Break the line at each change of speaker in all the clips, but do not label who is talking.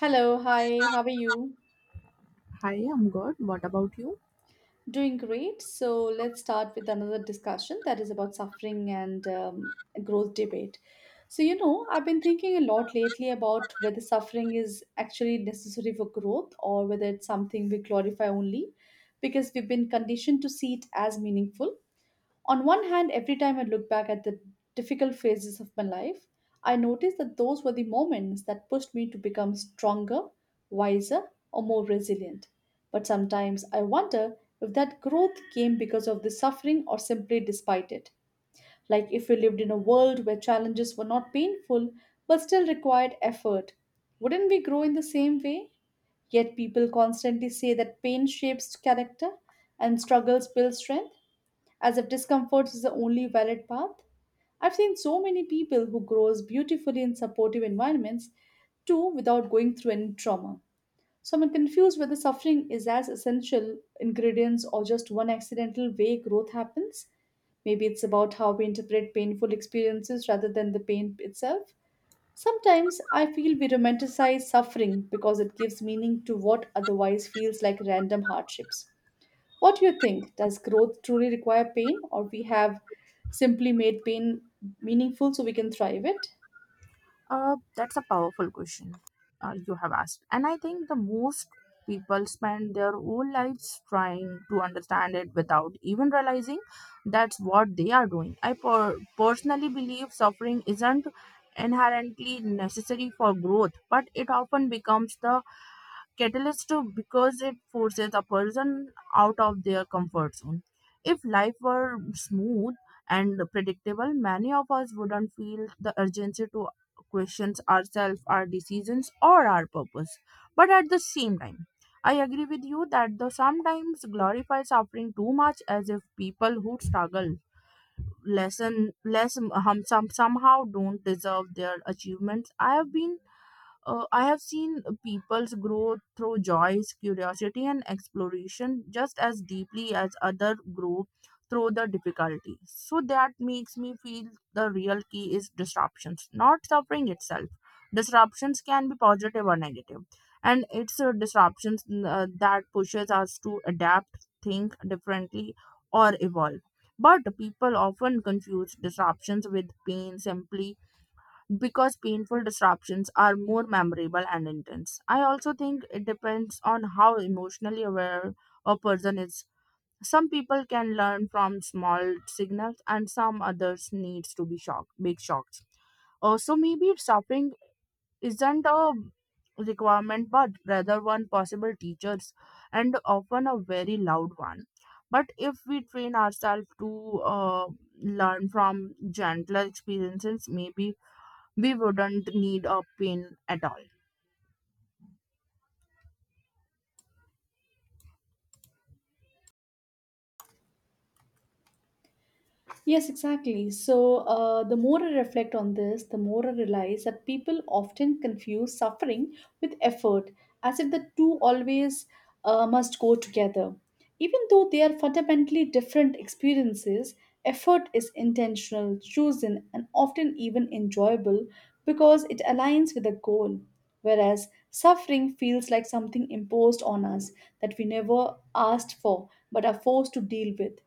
Hello, hi, how are you?
Hi, I'm good. What about you?
Doing great. So let's start with another discussion that is about suffering and growth debate. So, you know, I've been thinking a lot lately about whether suffering is actually necessary for growth or whether it's something we glorify only because we've been conditioned to see it as meaningful. On one hand, every time I look back at the difficult phases of my life, I notice that those were the moments that pushed me to become stronger, wiser, or more resilient. But sometimes I wonder if that growth came because of the suffering or simply despite it. Like if we lived in a world where challenges were not painful but still required effort, wouldn't we grow in the same way? Yet people constantly say that pain shapes character and struggles build strength as if discomfort is the only valid path. I've seen so many people who grows beautifully in supportive environments too without going through any trauma. So I'm confused whether suffering is as essential ingredients or just one accidental way growth happens. Maybe it's about how we interpret painful experiences rather than the pain itself. Sometimes I feel we romanticize suffering because it gives meaning to what otherwise feels like random hardships. What do you think? Does growth truly require pain, or we have simply made pain meaningful so we can thrive it?
That's a powerful question you have asked. And I think the most people spend their whole lives trying to understand it without even realizing that's what they are doing. I personally believe suffering isn't inherently necessary for growth, but it often becomes the catalyst too because it forces a person out of their comfort zone. If life were smooth and predictable, many of us wouldn't feel the urgency to question ourselves, our decisions, or our purpose. But at the same time, I agree with you that the sometimes glorify suffering too much as if people who struggle lesson less somehow don't deserve their achievements. I have been I have seen people's grow through joys, curiosity, and exploration just as deeply as other grow through the difficulty. So that makes me feel the real key is disruptions, not suffering itself. Disruptions can be positive or negative, and it's disruptions that pushes us to adapt, think differently, or evolve. But people often confuse disruptions with pain simply because painful disruptions are more memorable and intense. I also think it depends on how emotionally aware a person is. Some people can learn from small signals and some others needs to be shocked, big shocks. Also maybe suffering isn't a requirement but rather one possible teachers and often a very loud one. But if we train ourselves to learn from gentler experiences, maybe we wouldn't need a pin at all.
Yes, exactly. So, the more I reflect on this, the more I realize that people often confuse suffering with effort, as if the two always must go together. Even though they are fundamentally different experiences, effort is intentional, chosen, and often even enjoyable because it aligns with a goal. Whereas suffering feels like something imposed on us that we never asked for but are forced to deal with.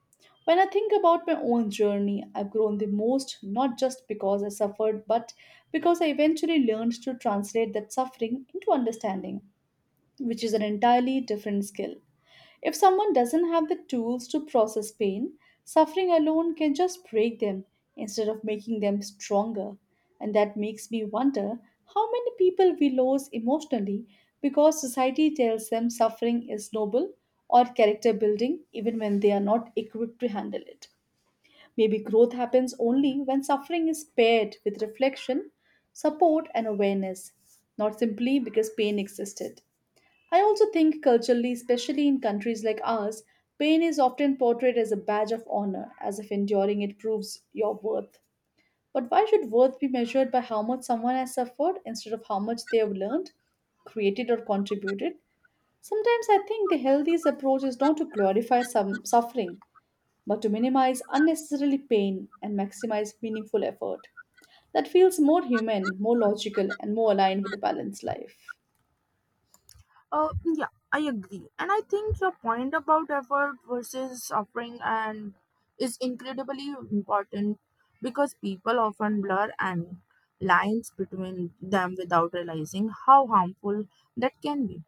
When I think about my own journey, I've grown the most not just because I suffered, but because I eventually learned to translate that suffering into understanding, which is an entirely different skill. If someone doesn't have the tools to process pain, suffering alone can just break them instead of making them stronger. And that makes me wonder how many people we lose emotionally because society tells them suffering is noble or character building even when they are not equipped to handle it. Maybe growth happens only when suffering is paired with reflection, support, and awareness, not simply because pain existed. I also think culturally, especially in countries like ours, pain is often portrayed as a badge of honor, as if enduring it proves your worth. But why should worth be measured by how much someone has suffered instead of how much they have learned, created, or contributed? Sometimes I think the healthiest approach is not to glorify some suffering, but to minimize unnecessarily pain and maximize meaningful effort. That feels more human, more logical, and more aligned with a balanced life.
Yeah, I agree. And I think your point about effort versus suffering and is incredibly important because people often blur and lines between them without realizing how harmful that can be.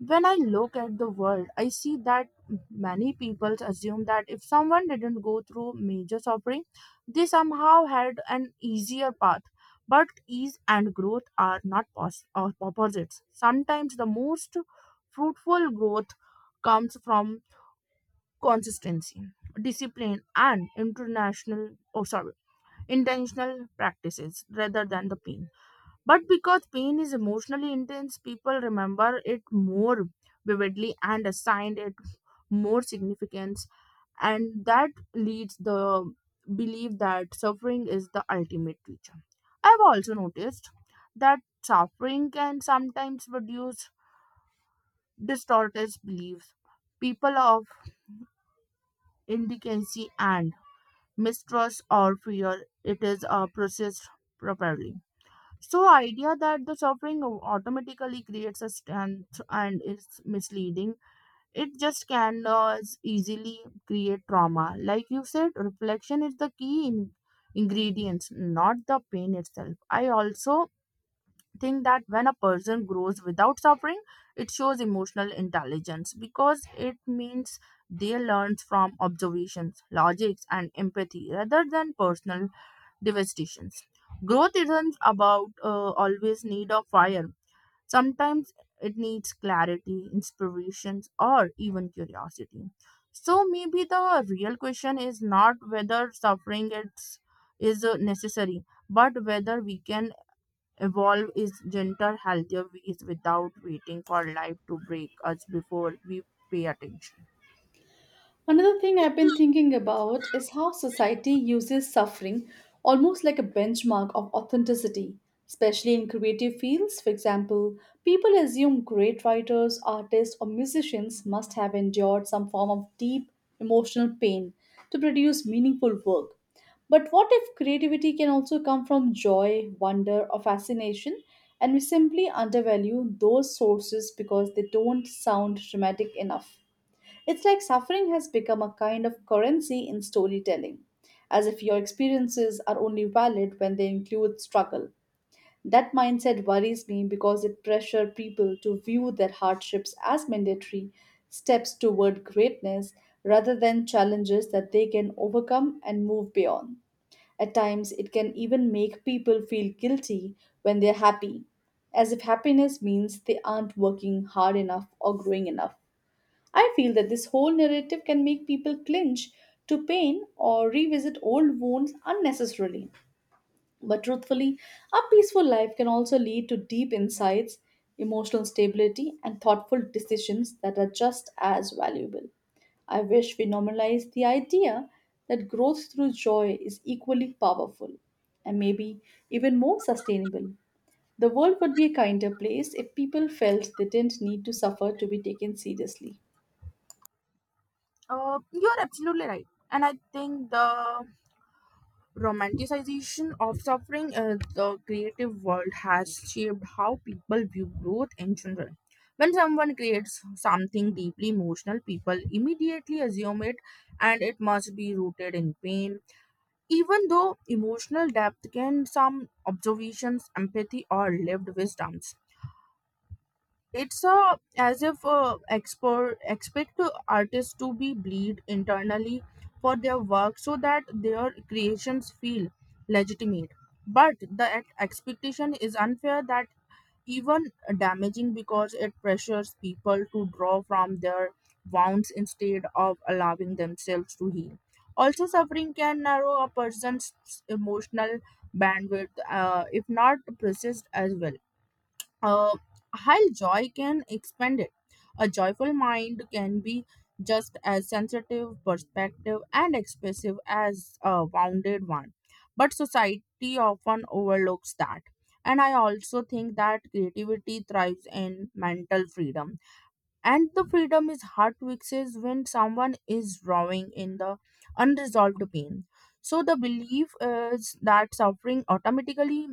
When I look at the world, I see that many people assume that if someone didn't go through major suffering, they somehow had an easier path. But ease and growth are not pos- or opposites. Sometimes the most fruitful growth comes from consistency, discipline, and international, oh sorry, intentional practices rather than the pain. But because pain is emotionally intense, people remember it more vividly and assign it more significance. And that leads the belief that suffering is the ultimate teacher. I've also noticed that suffering can sometimes produce distorted beliefs. People of indigency and mistrust or fear it is processed properly. So idea that the suffering automatically creates a strength and is misleading. It just can easily create trauma. Like you said, reflection is the key in ingredients, not the pain itself. I also think that when a person grows without suffering, it shows emotional intelligence because it means they learn from observations, logics, and empathy rather than personal devastations. Growth isn't about always need of fire. Sometimes it needs clarity, inspirations, or even curiosity. So maybe the real question is not whether suffering is necessary, but whether we can evolve is gentler, healthier ways without waiting for life to break us before we pay attention.
Another thing I've been thinking about is how society uses suffering almost like a benchmark of authenticity, especially in creative fields. For example, people assume great writers, artists, or musicians must have endured some form of deep emotional pain to produce meaningful work. But what if creativity can also come from joy, wonder, or fascination, and we simply undervalue those sources because they don't sound dramatic enough? It's like suffering has become a kind of currency in storytelling, as if your experiences are only valid when they include struggle. That mindset worries me because it pressures people to view their hardships as mandatory steps toward greatness rather than challenges that they can overcome and move beyond. At times, it can even make people feel guilty when they're happy, as if happiness means they aren't working hard enough or growing enough. I feel that this whole narrative can make people clinch to pain or revisit old wounds unnecessarily. But truthfully, a peaceful life can also lead to deep insights, emotional stability, and thoughtful decisions that are just as valuable. I wish we normalize the idea that growth through joy is equally powerful and maybe even more sustainable. The world would be a kinder place if people felt they didn't need to suffer to be taken seriously.
You're absolutely right, and I think the romanticization of suffering in the creative world has shaped how people view growth in general. When someone creates something deeply emotional, people immediately assume it must be rooted in pain. Even though emotional depth can some observations, empathy, or lived wisdoms. It's as if expor expect artists to be bleed internally for their work so that their creations feel legitimate. But the expectation is unfair that even damaging because it pressures people to draw from their wounds instead of allowing themselves to heal. Also, suffering can narrow a person's emotional bandwidth if not processed as well uh, while joy can expand it, a joyful mind can be just as sensitive, perspective, and expressive as a wounded one. But society often overlooks that. And I also think that creativity thrives in mental freedom. And the freedom is hard to access when someone is drawing in the unresolved pain. So the belief is that suffering automatically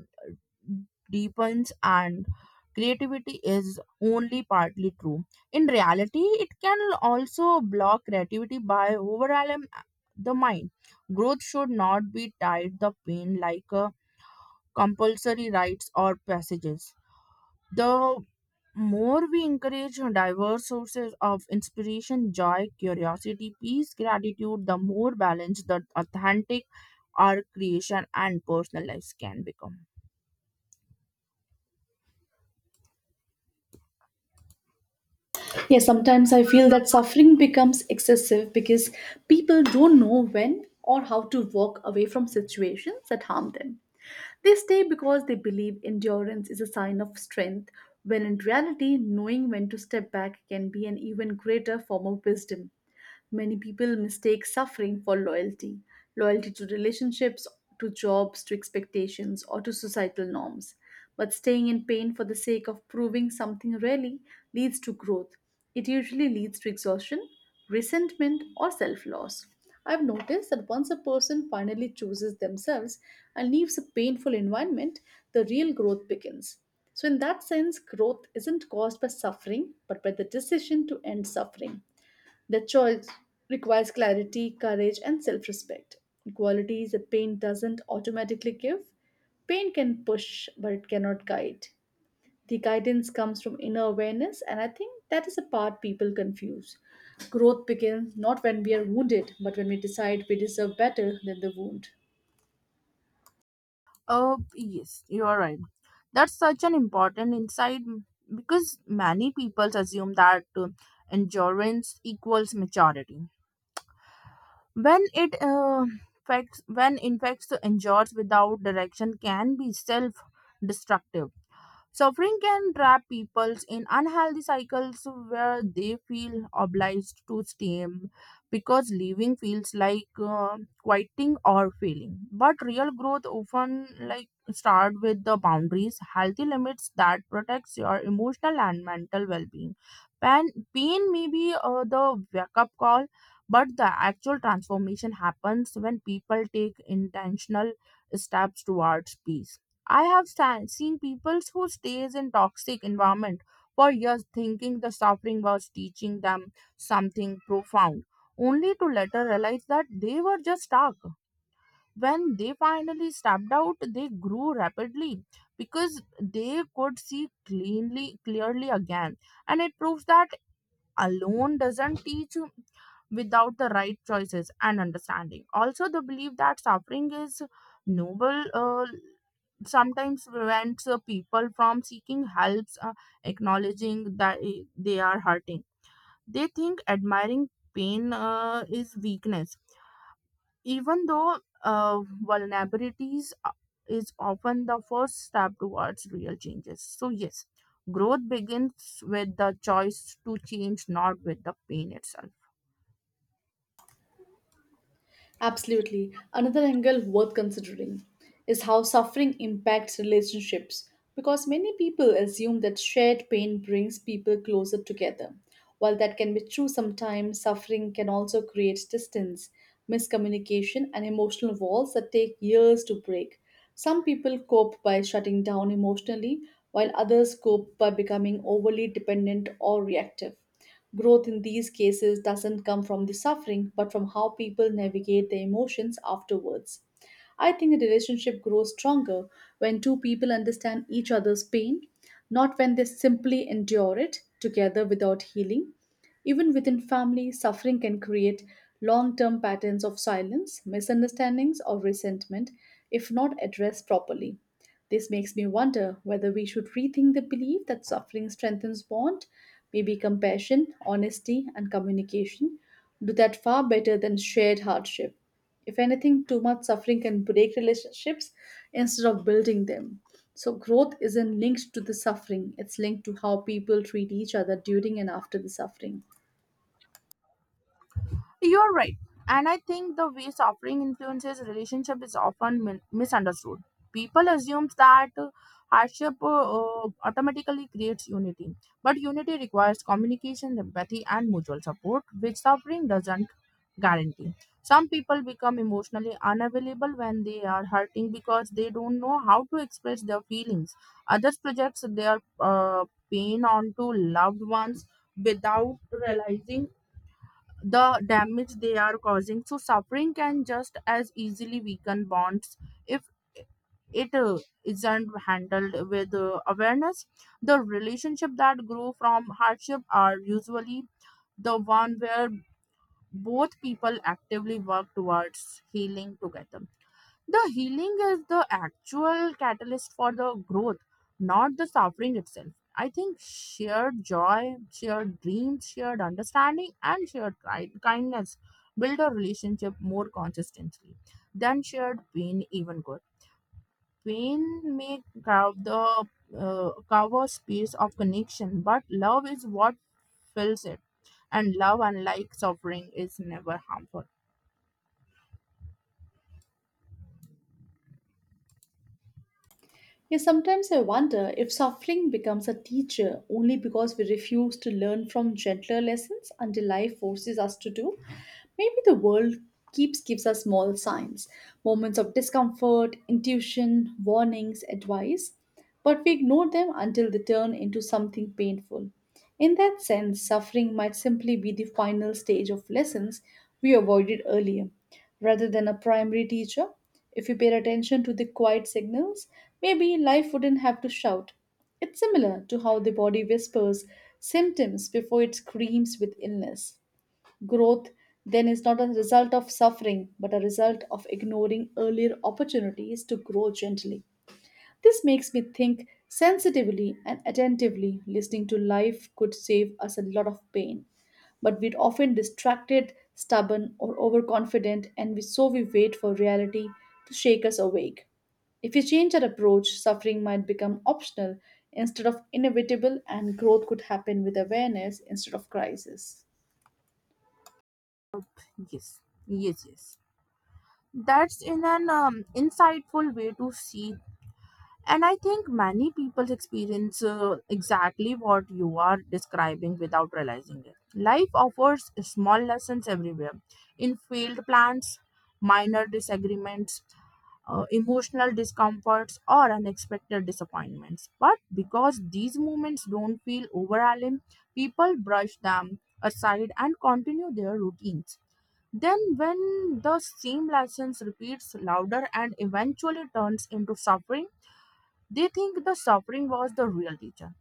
deepens and creativity is only partly true. In reality, it can also block creativity by overwhelming the mind. Growth should not be tied the pain like compulsory rites or passages. The more we encourage diverse sources of inspiration, joy, curiosity, peace, gratitude, the more balanced the authentic our creation and personal lives can become.
Yeah, sometimes I feel that suffering becomes excessive because people don't know when or how to walk away from situations that harm them. They stay because they believe endurance is a sign of strength, when in reality, knowing when to step back can be an even greater form of wisdom. Many people mistake suffering for loyalty loyalty to relationships, to jobs, to expectations, or to societal norms. But staying in pain for the sake of proving something really leads to growth. It usually leads to exhaustion, resentment, or self loss. I've noticed that once a person finally chooses themselves and leaves a painful environment, the real growth begins. So, in that sense, growth isn't caused by suffering, but by the decision to end suffering. The choice requires clarity, courage, and self respect. Qualities that pain doesn't automatically give. Pain can push, but it cannot guide. The guidance comes from inner awareness, and I think that is the part people confuse. Growth begins not when we are wounded, but when we decide we deserve better than the wound.
Oh, yes, you are right. That's such an important insight because many people assume that endurance equals maturity. When it uh, when in fact, the endurance without direction can be self-destructive. Suffering can trap people in unhealthy cycles where they feel obliged to stay because living feels like quitting or failing. But real growth often like start with the boundaries, healthy limits that protects your emotional and mental well-being. Pain, pain may be the wake-up call, but the actual transformation happens when people take intentional steps towards peace. I have seen people who stays in toxic environment for years thinking the suffering was teaching them something profound, only to later realize that they were just stuck. When they finally stepped out, they grew rapidly because they could clearly again, and it proves that alone doesn't teach without the right choices and understanding. Also, the belief that suffering is noble sometimes prevents people from seeking helps, acknowledging that they are hurting. They think admiring pain is weakness, even though uh, vulnerabilities a- is often the first step towards real changes. So, yes, growth begins with the choice to change, not with the pain itself.
Absolutely. Another angle worth considering is how suffering impacts relationships because many people assume that shared pain brings people closer together. While that can be true sometimes, suffering can also create distance, miscommunication, and emotional walls that take years to break. Some people cope by shutting down emotionally, while others cope by becoming overly dependent or reactive. Growth in these cases doesn't come from the suffering, but from how people navigate their emotions afterwards. I think a relationship grows stronger when two people understand each other's pain, not when they simply endure it together without healing. Even within family, suffering can create long term patterns of silence, misunderstandings, or resentment if not addressed properly. This makes me wonder whether we should rethink the belief that suffering strengthens bond. Maybe compassion, honesty, and communication do that far better than shared hardship. If anything, too much suffering can break relationships instead of building them. So, growth isn't linked to the suffering, it's linked to how people treat each other during and after the suffering.
You're right. And I think the way suffering influences relationship is often misunderstood. People assume that hardship automatically creates unity. But unity requires communication, empathy, and mutual support, which suffering doesn't guarantee. Some people become emotionally unavailable when they are hurting because they don't know how to express their feelings. Others project their pain onto loved ones without realizing the damage they are causing. So suffering can just as easily weaken bonds if it isn't handled with awareness. The relationship that grow from hardship are usually the one where both people actively work towards healing together. The healing is the actual catalyst for the growth, not the suffering itself. I think shared joy, shared dreams, shared understanding, and shared kindness build a relationship more consistently than shared pain even could. Pain may cover the cover space of connection, but love is what fills it, and love, unlike suffering, is never harmful.
Yeah, sometimes I wonder if suffering becomes a teacher only because we refuse to learn from gentler lessons until life forces us to do. Maybe the world keeps gives us small signs, moments of discomfort, intuition, warnings, advice, but we ignore them until they turn into something painful. In that sense, suffering might simply be the final stage of lessons we avoided earlier rather than a primary teacher. If we paid attention to the quiet signals, maybe life wouldn't have to shout. It's similar to how the body whispers symptoms before it screams with illness. Growth then is not a result of suffering, but a result of ignoring earlier opportunities to grow gently. This makes me think sensitively and attentively listening to life could save us a lot of pain. But we're often distracted, stubborn, or overconfident, so we wait for reality to shake us awake. If we change our approach, suffering might become optional instead of inevitable, and growth could happen with awareness instead of crisis.
Yes yes yes That's in an insightful way to see. And I think many people experience exactly what you are describing without realizing it. Life offers small lessons everywhere in failed plans, minor disagreements, emotional discomforts, or unexpected disappointments. But because these moments don't feel overwhelming, people brush them aside and continue their routines. Then, when the same license repeats louder and eventually turns into suffering, they think the suffering was the real teacher.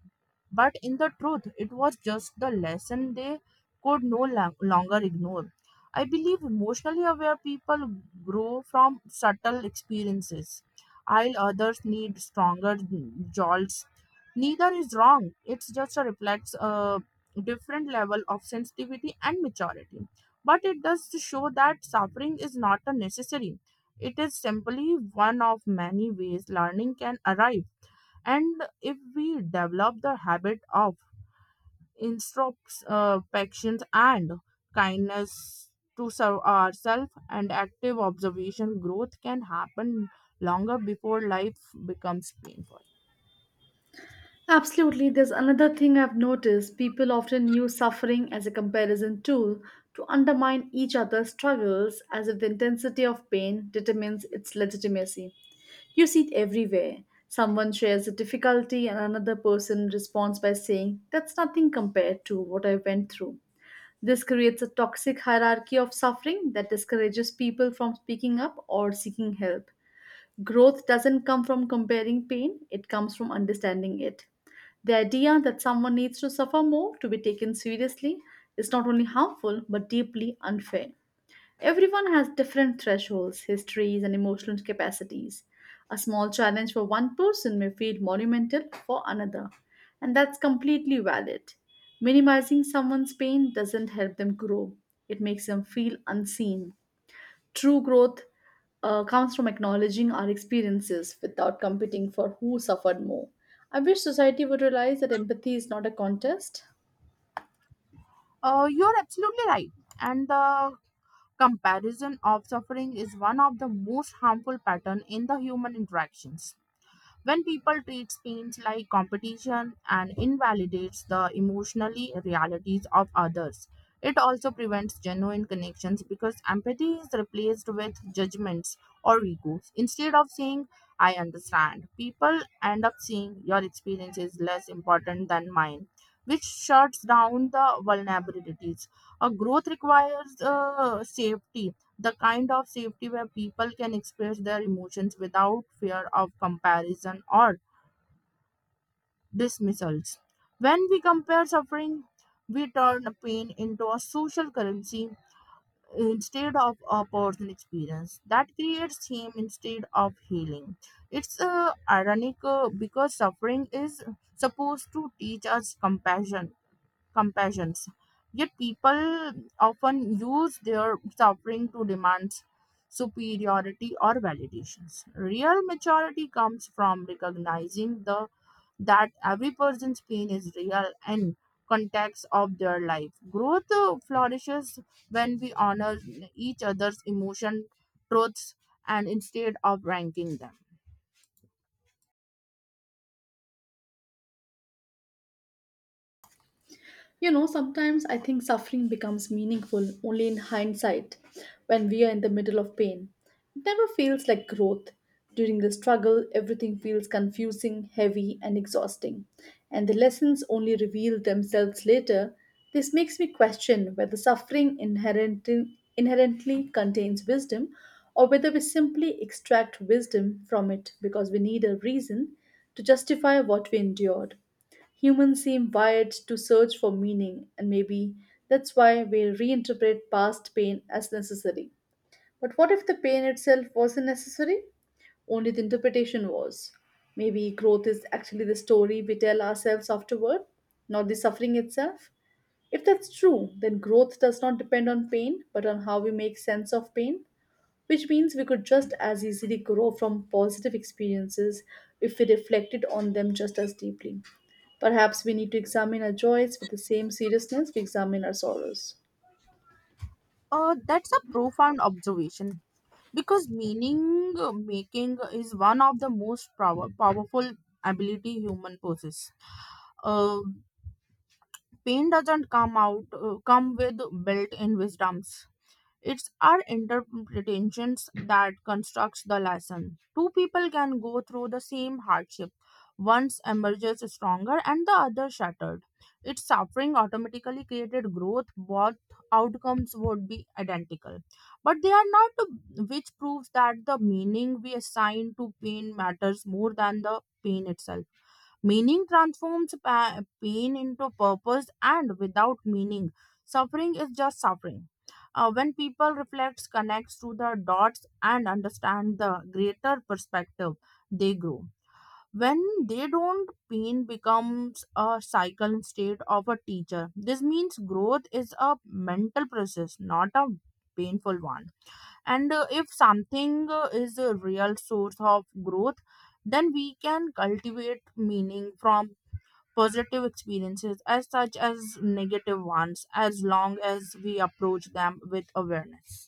But in the truth, it was just the lesson they could no lo- longer ignore. I believe emotionally aware people grow from subtle experiences, while others need stronger jolts. Neither is wrong, it just reflects a different level of sensitivity and maturity. But it does show that suffering is not a necessary, it is simply one of many ways learning can arrive. And if we develop the habit of introspection and kindness to serve ourselves and active observation, growth can happen longer before life becomes painful.
Absolutely, there's another thing I've noticed. People often use suffering as a comparison tool to undermine each other's struggles as if the intensity of pain determines its legitimacy. You see it everywhere. Someone shares a difficulty, and another person responds by saying, "That's nothing compared to what I went through." This creates a toxic hierarchy of suffering that discourages people from speaking up or seeking help. Growth doesn't come from comparing pain, it comes from understanding it. The idea that someone needs to suffer more to be taken seriously is not only harmful but deeply unfair. Everyone has different thresholds, histories, and emotional capacities. A small challenge for one person may feel monumental for another, and that's completely valid. Minimizing someone's pain doesn't help them grow, it makes them feel unseen. True growth comes from acknowledging our experiences without competing for who suffered more. I wish society would realize that empathy is not a contest.
You're absolutely right. And the comparison of suffering is one of the most harmful pattern in the human interactions. When people treat pains like competition and invalidates the emotionally realities of others, it also prevents genuine connections because empathy is replaced with judgments or egos. Instead of saying, "I understand," people end up saying, "Your experience is less important than mine," which shuts down the vulnerabilities. A growth requires safety, the kind of safety where people can express their emotions without fear of comparison or dismissals. When we compare suffering, we turn pain into a social currency instead of a personal experience that creates shame instead of healing. It's ironic because suffering is supposed to teach us compassions. Yet people often use their suffering to demand superiority or validations. Real maturity comes from recognizing the that every person's pain is real and context of their life. Growth flourishes when we honor each other's emotion, truths, and instead of ranking them.
You know, sometimes I think suffering becomes meaningful only in hindsight when we are in the middle of pain. It never feels like growth. During the struggle, everything feels confusing, heavy, and exhausting. And the lessons only reveal themselves later. This makes me question whether inherently contains wisdom or whether we simply extract wisdom from it because we need a reason to justify what we endured. Humans seem wired to search for meaning, and maybe that's why we reinterpret past pain as necessary. But what if the pain itself wasn't necessary? Only the interpretation was. Maybe growth is actually the story we tell ourselves afterward, not the suffering itself. If that's true, then growth does not depend on pain, but on how we make sense of pain, which means we could just as easily grow from positive experiences if we reflected on them just as deeply. Perhaps we need to examine our joys with the same seriousness we examine our sorrows.
That's a profound observation because meaning making is one of the most powerful ability human possesses. Uh, pain doesn't come with built-in wisdoms. It's our interpretations that constructs the lesson. Two people can go through the same hardship. One emerges stronger and the other shattered. Its suffering automatically created growth. Both outcomes would be identical. But they are not, which proves that the meaning we assign to pain matters more than the pain itself. Meaning transforms pain into purpose, and without meaning, suffering is just suffering. When people reflect, connects to the dots, and understand the greater perspective, they grow. When they don't, pain becomes a cycle instead of a teacher. This means growth is a mental process, not a painful one. And if something is a real source of growth, then we can cultivate meaning from positive experiences as such as negative ones as long as we approach them with awareness.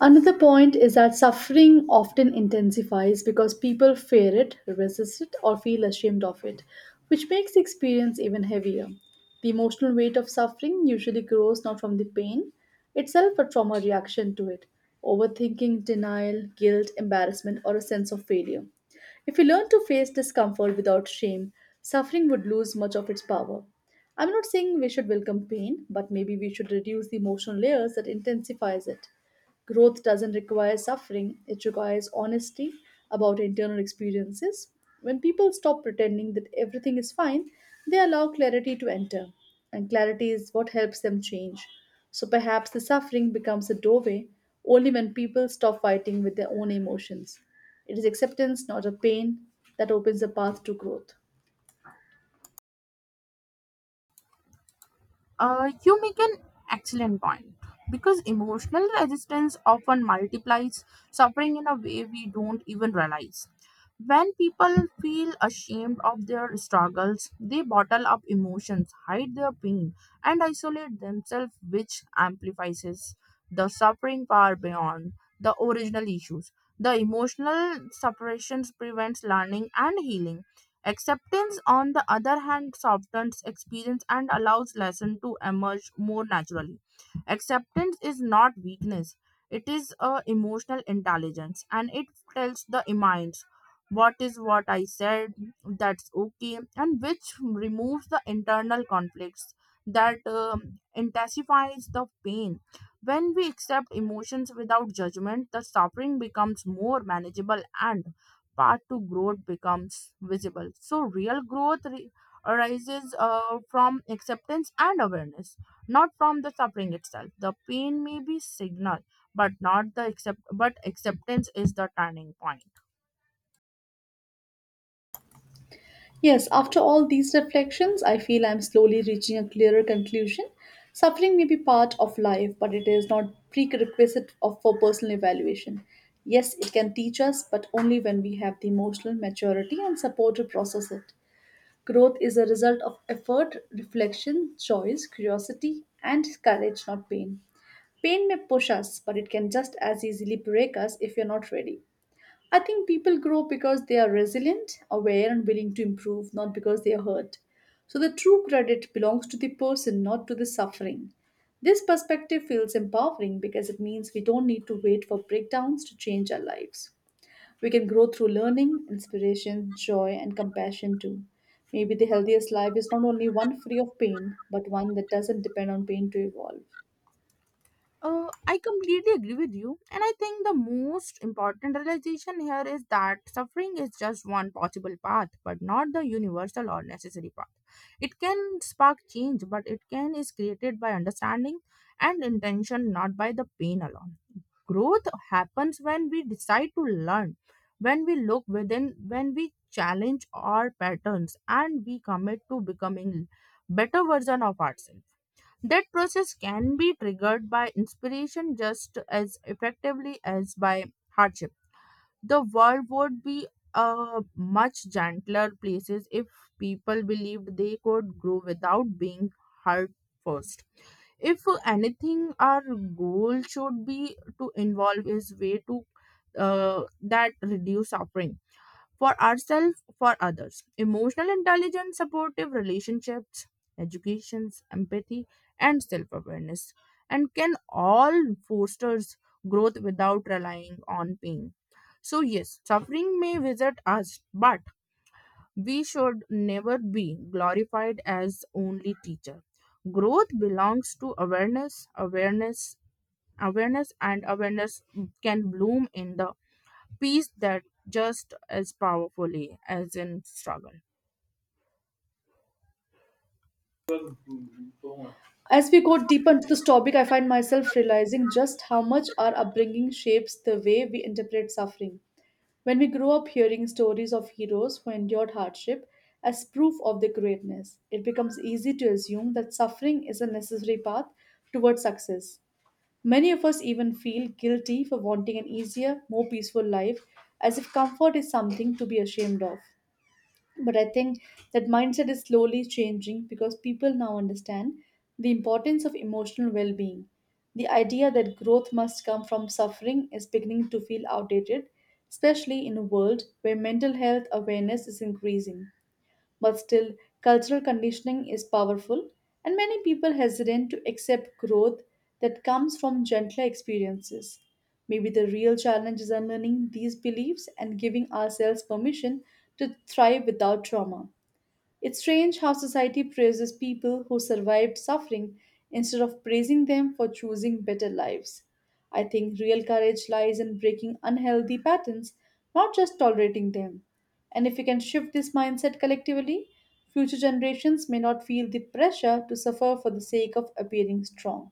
Another point is that suffering often intensifies because people fear it, resist it, or feel ashamed of it, which makes the experience even heavier. The emotional weight of suffering usually grows not from the pain itself but from a reaction to it: overthinking, denial, guilt, embarrassment, or a sense of failure. If we learn to face discomfort without shame, suffering would lose much of its power. I'm not saying we should welcome pain, but maybe we should reduce the emotional layers that intensifies it. Growth doesn't require suffering, it requires honesty about internal experiences. When people stop pretending that everything is fine, they allow clarity to enter, and clarity is what helps them change. So perhaps the suffering becomes a doorway only when people stop fighting with their own emotions. It is acceptance, not a pain, that opens the path to growth.
You make an excellent point because emotional resistance often multiplies suffering in a way we don't even realize. When people feel ashamed of their struggles, they bottle up emotions, hide their pain, and isolate themselves, which amplifies the suffering far beyond the original issues. The emotional separations prevents learning and healing. Acceptance, on the other hand, softens experience and allows lesson to emerge more naturally. Acceptance is not weakness; it is a emotional intelligence, and it tells the mind what is what I said, that's okay, and which removes the internal conflicts that intensifies the pain. When we accept emotions without judgment, the suffering becomes more manageable and path to growth becomes visible. So, real arises from acceptance and awareness, not from the suffering itself. The pain may be signal, but not the accept. But acceptance is the turning point.
Yes, after all these reflections, I feel I'm slowly reaching a clearer conclusion. Suffering may be part of life, but it is not prerequisite of, for personal evaluation. Yes, it can teach us, but only when we have the emotional maturity and support to process it. Growth is a result of effort, reflection, choice, curiosity, and courage, not pain. Pain may push us, but it can just as easily break us if you're not ready. I think people grow because they are resilient, aware, and willing to improve, not because they are hurt. So the true credit belongs to the person, not to the suffering. This perspective feels empowering because it means we don't need to wait for breakdowns to change our lives. We can grow through learning, inspiration, joy, and compassion too. Maybe the healthiest life is not only one free of pain, but one that doesn't depend on pain to evolve.
I completely agree with you. And I think the most important realization here is that suffering is just one possible path, but not the universal or necessary path. It can spark change, but it can is created by understanding and intention, not by the pain alone. Growth happens when we decide to learn, when we look within, when we challenge our patterns, and we commit to becoming better version of ourselves. That process can be triggered by inspiration just as effectively as by hardship. The world would be a much gentler places if people believed they could grow without being hurt first. If anything, our goal should be to involve is way to that reduce suffering for ourselves, for others. Emotional intelligence, supportive relationships, educations, empathy, and self awareness, and can all foster growth without relying on pain. So, yes, suffering may visit us, but we should never be glorified as only teacher. Growth belongs to awareness, can bloom in the peace that just as powerfully as in struggle.
As we go deeper into this topic, I find myself realizing just how much our upbringing shapes the way we interpret suffering. When we grow up hearing stories of heroes who endured hardship as proof of their greatness, it becomes easy to assume that suffering is a necessary path towards success. Many of us even feel guilty for wanting an easier, more peaceful life, as if comfort is something to be ashamed of. But I think that mindset is slowly changing because people now understand the importance of emotional well being. The idea that growth must come from suffering is beginning to feel outdated, especially in a world where mental health awareness is increasing. But still, cultural conditioning is powerful, and many people hesitant to accept growth that comes from gentler experiences. Maybe the real challenge is unlearning these beliefs and giving ourselves permission to thrive without trauma. It's strange how society praises people who survived suffering instead of praising them for choosing better lives. I think real courage lies in breaking unhealthy patterns, not just tolerating them. And if we can shift this mindset collectively, future generations may not feel the pressure to suffer for the sake of appearing strong.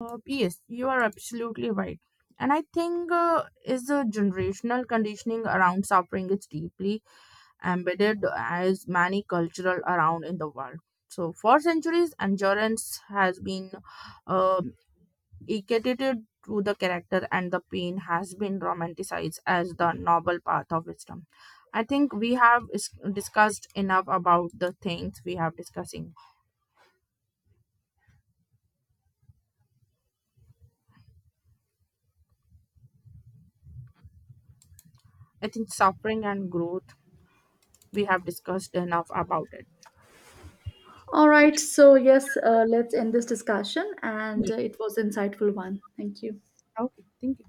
Yes, you are absolutely right. And I think is the generational conditioning around suffering is deeply embedded as many cultural around in the world. So for centuries, endurance has been uh, equated to the character, and the pain has been romanticized as the noble path of wisdom. I think we have discussed enough about the things we have discussing. I think suffering and growth, we have discussed enough about it.
All right, so yes, let's end this discussion, and
Yeah.
it was insightful one. Thank you.
Okay, thank you.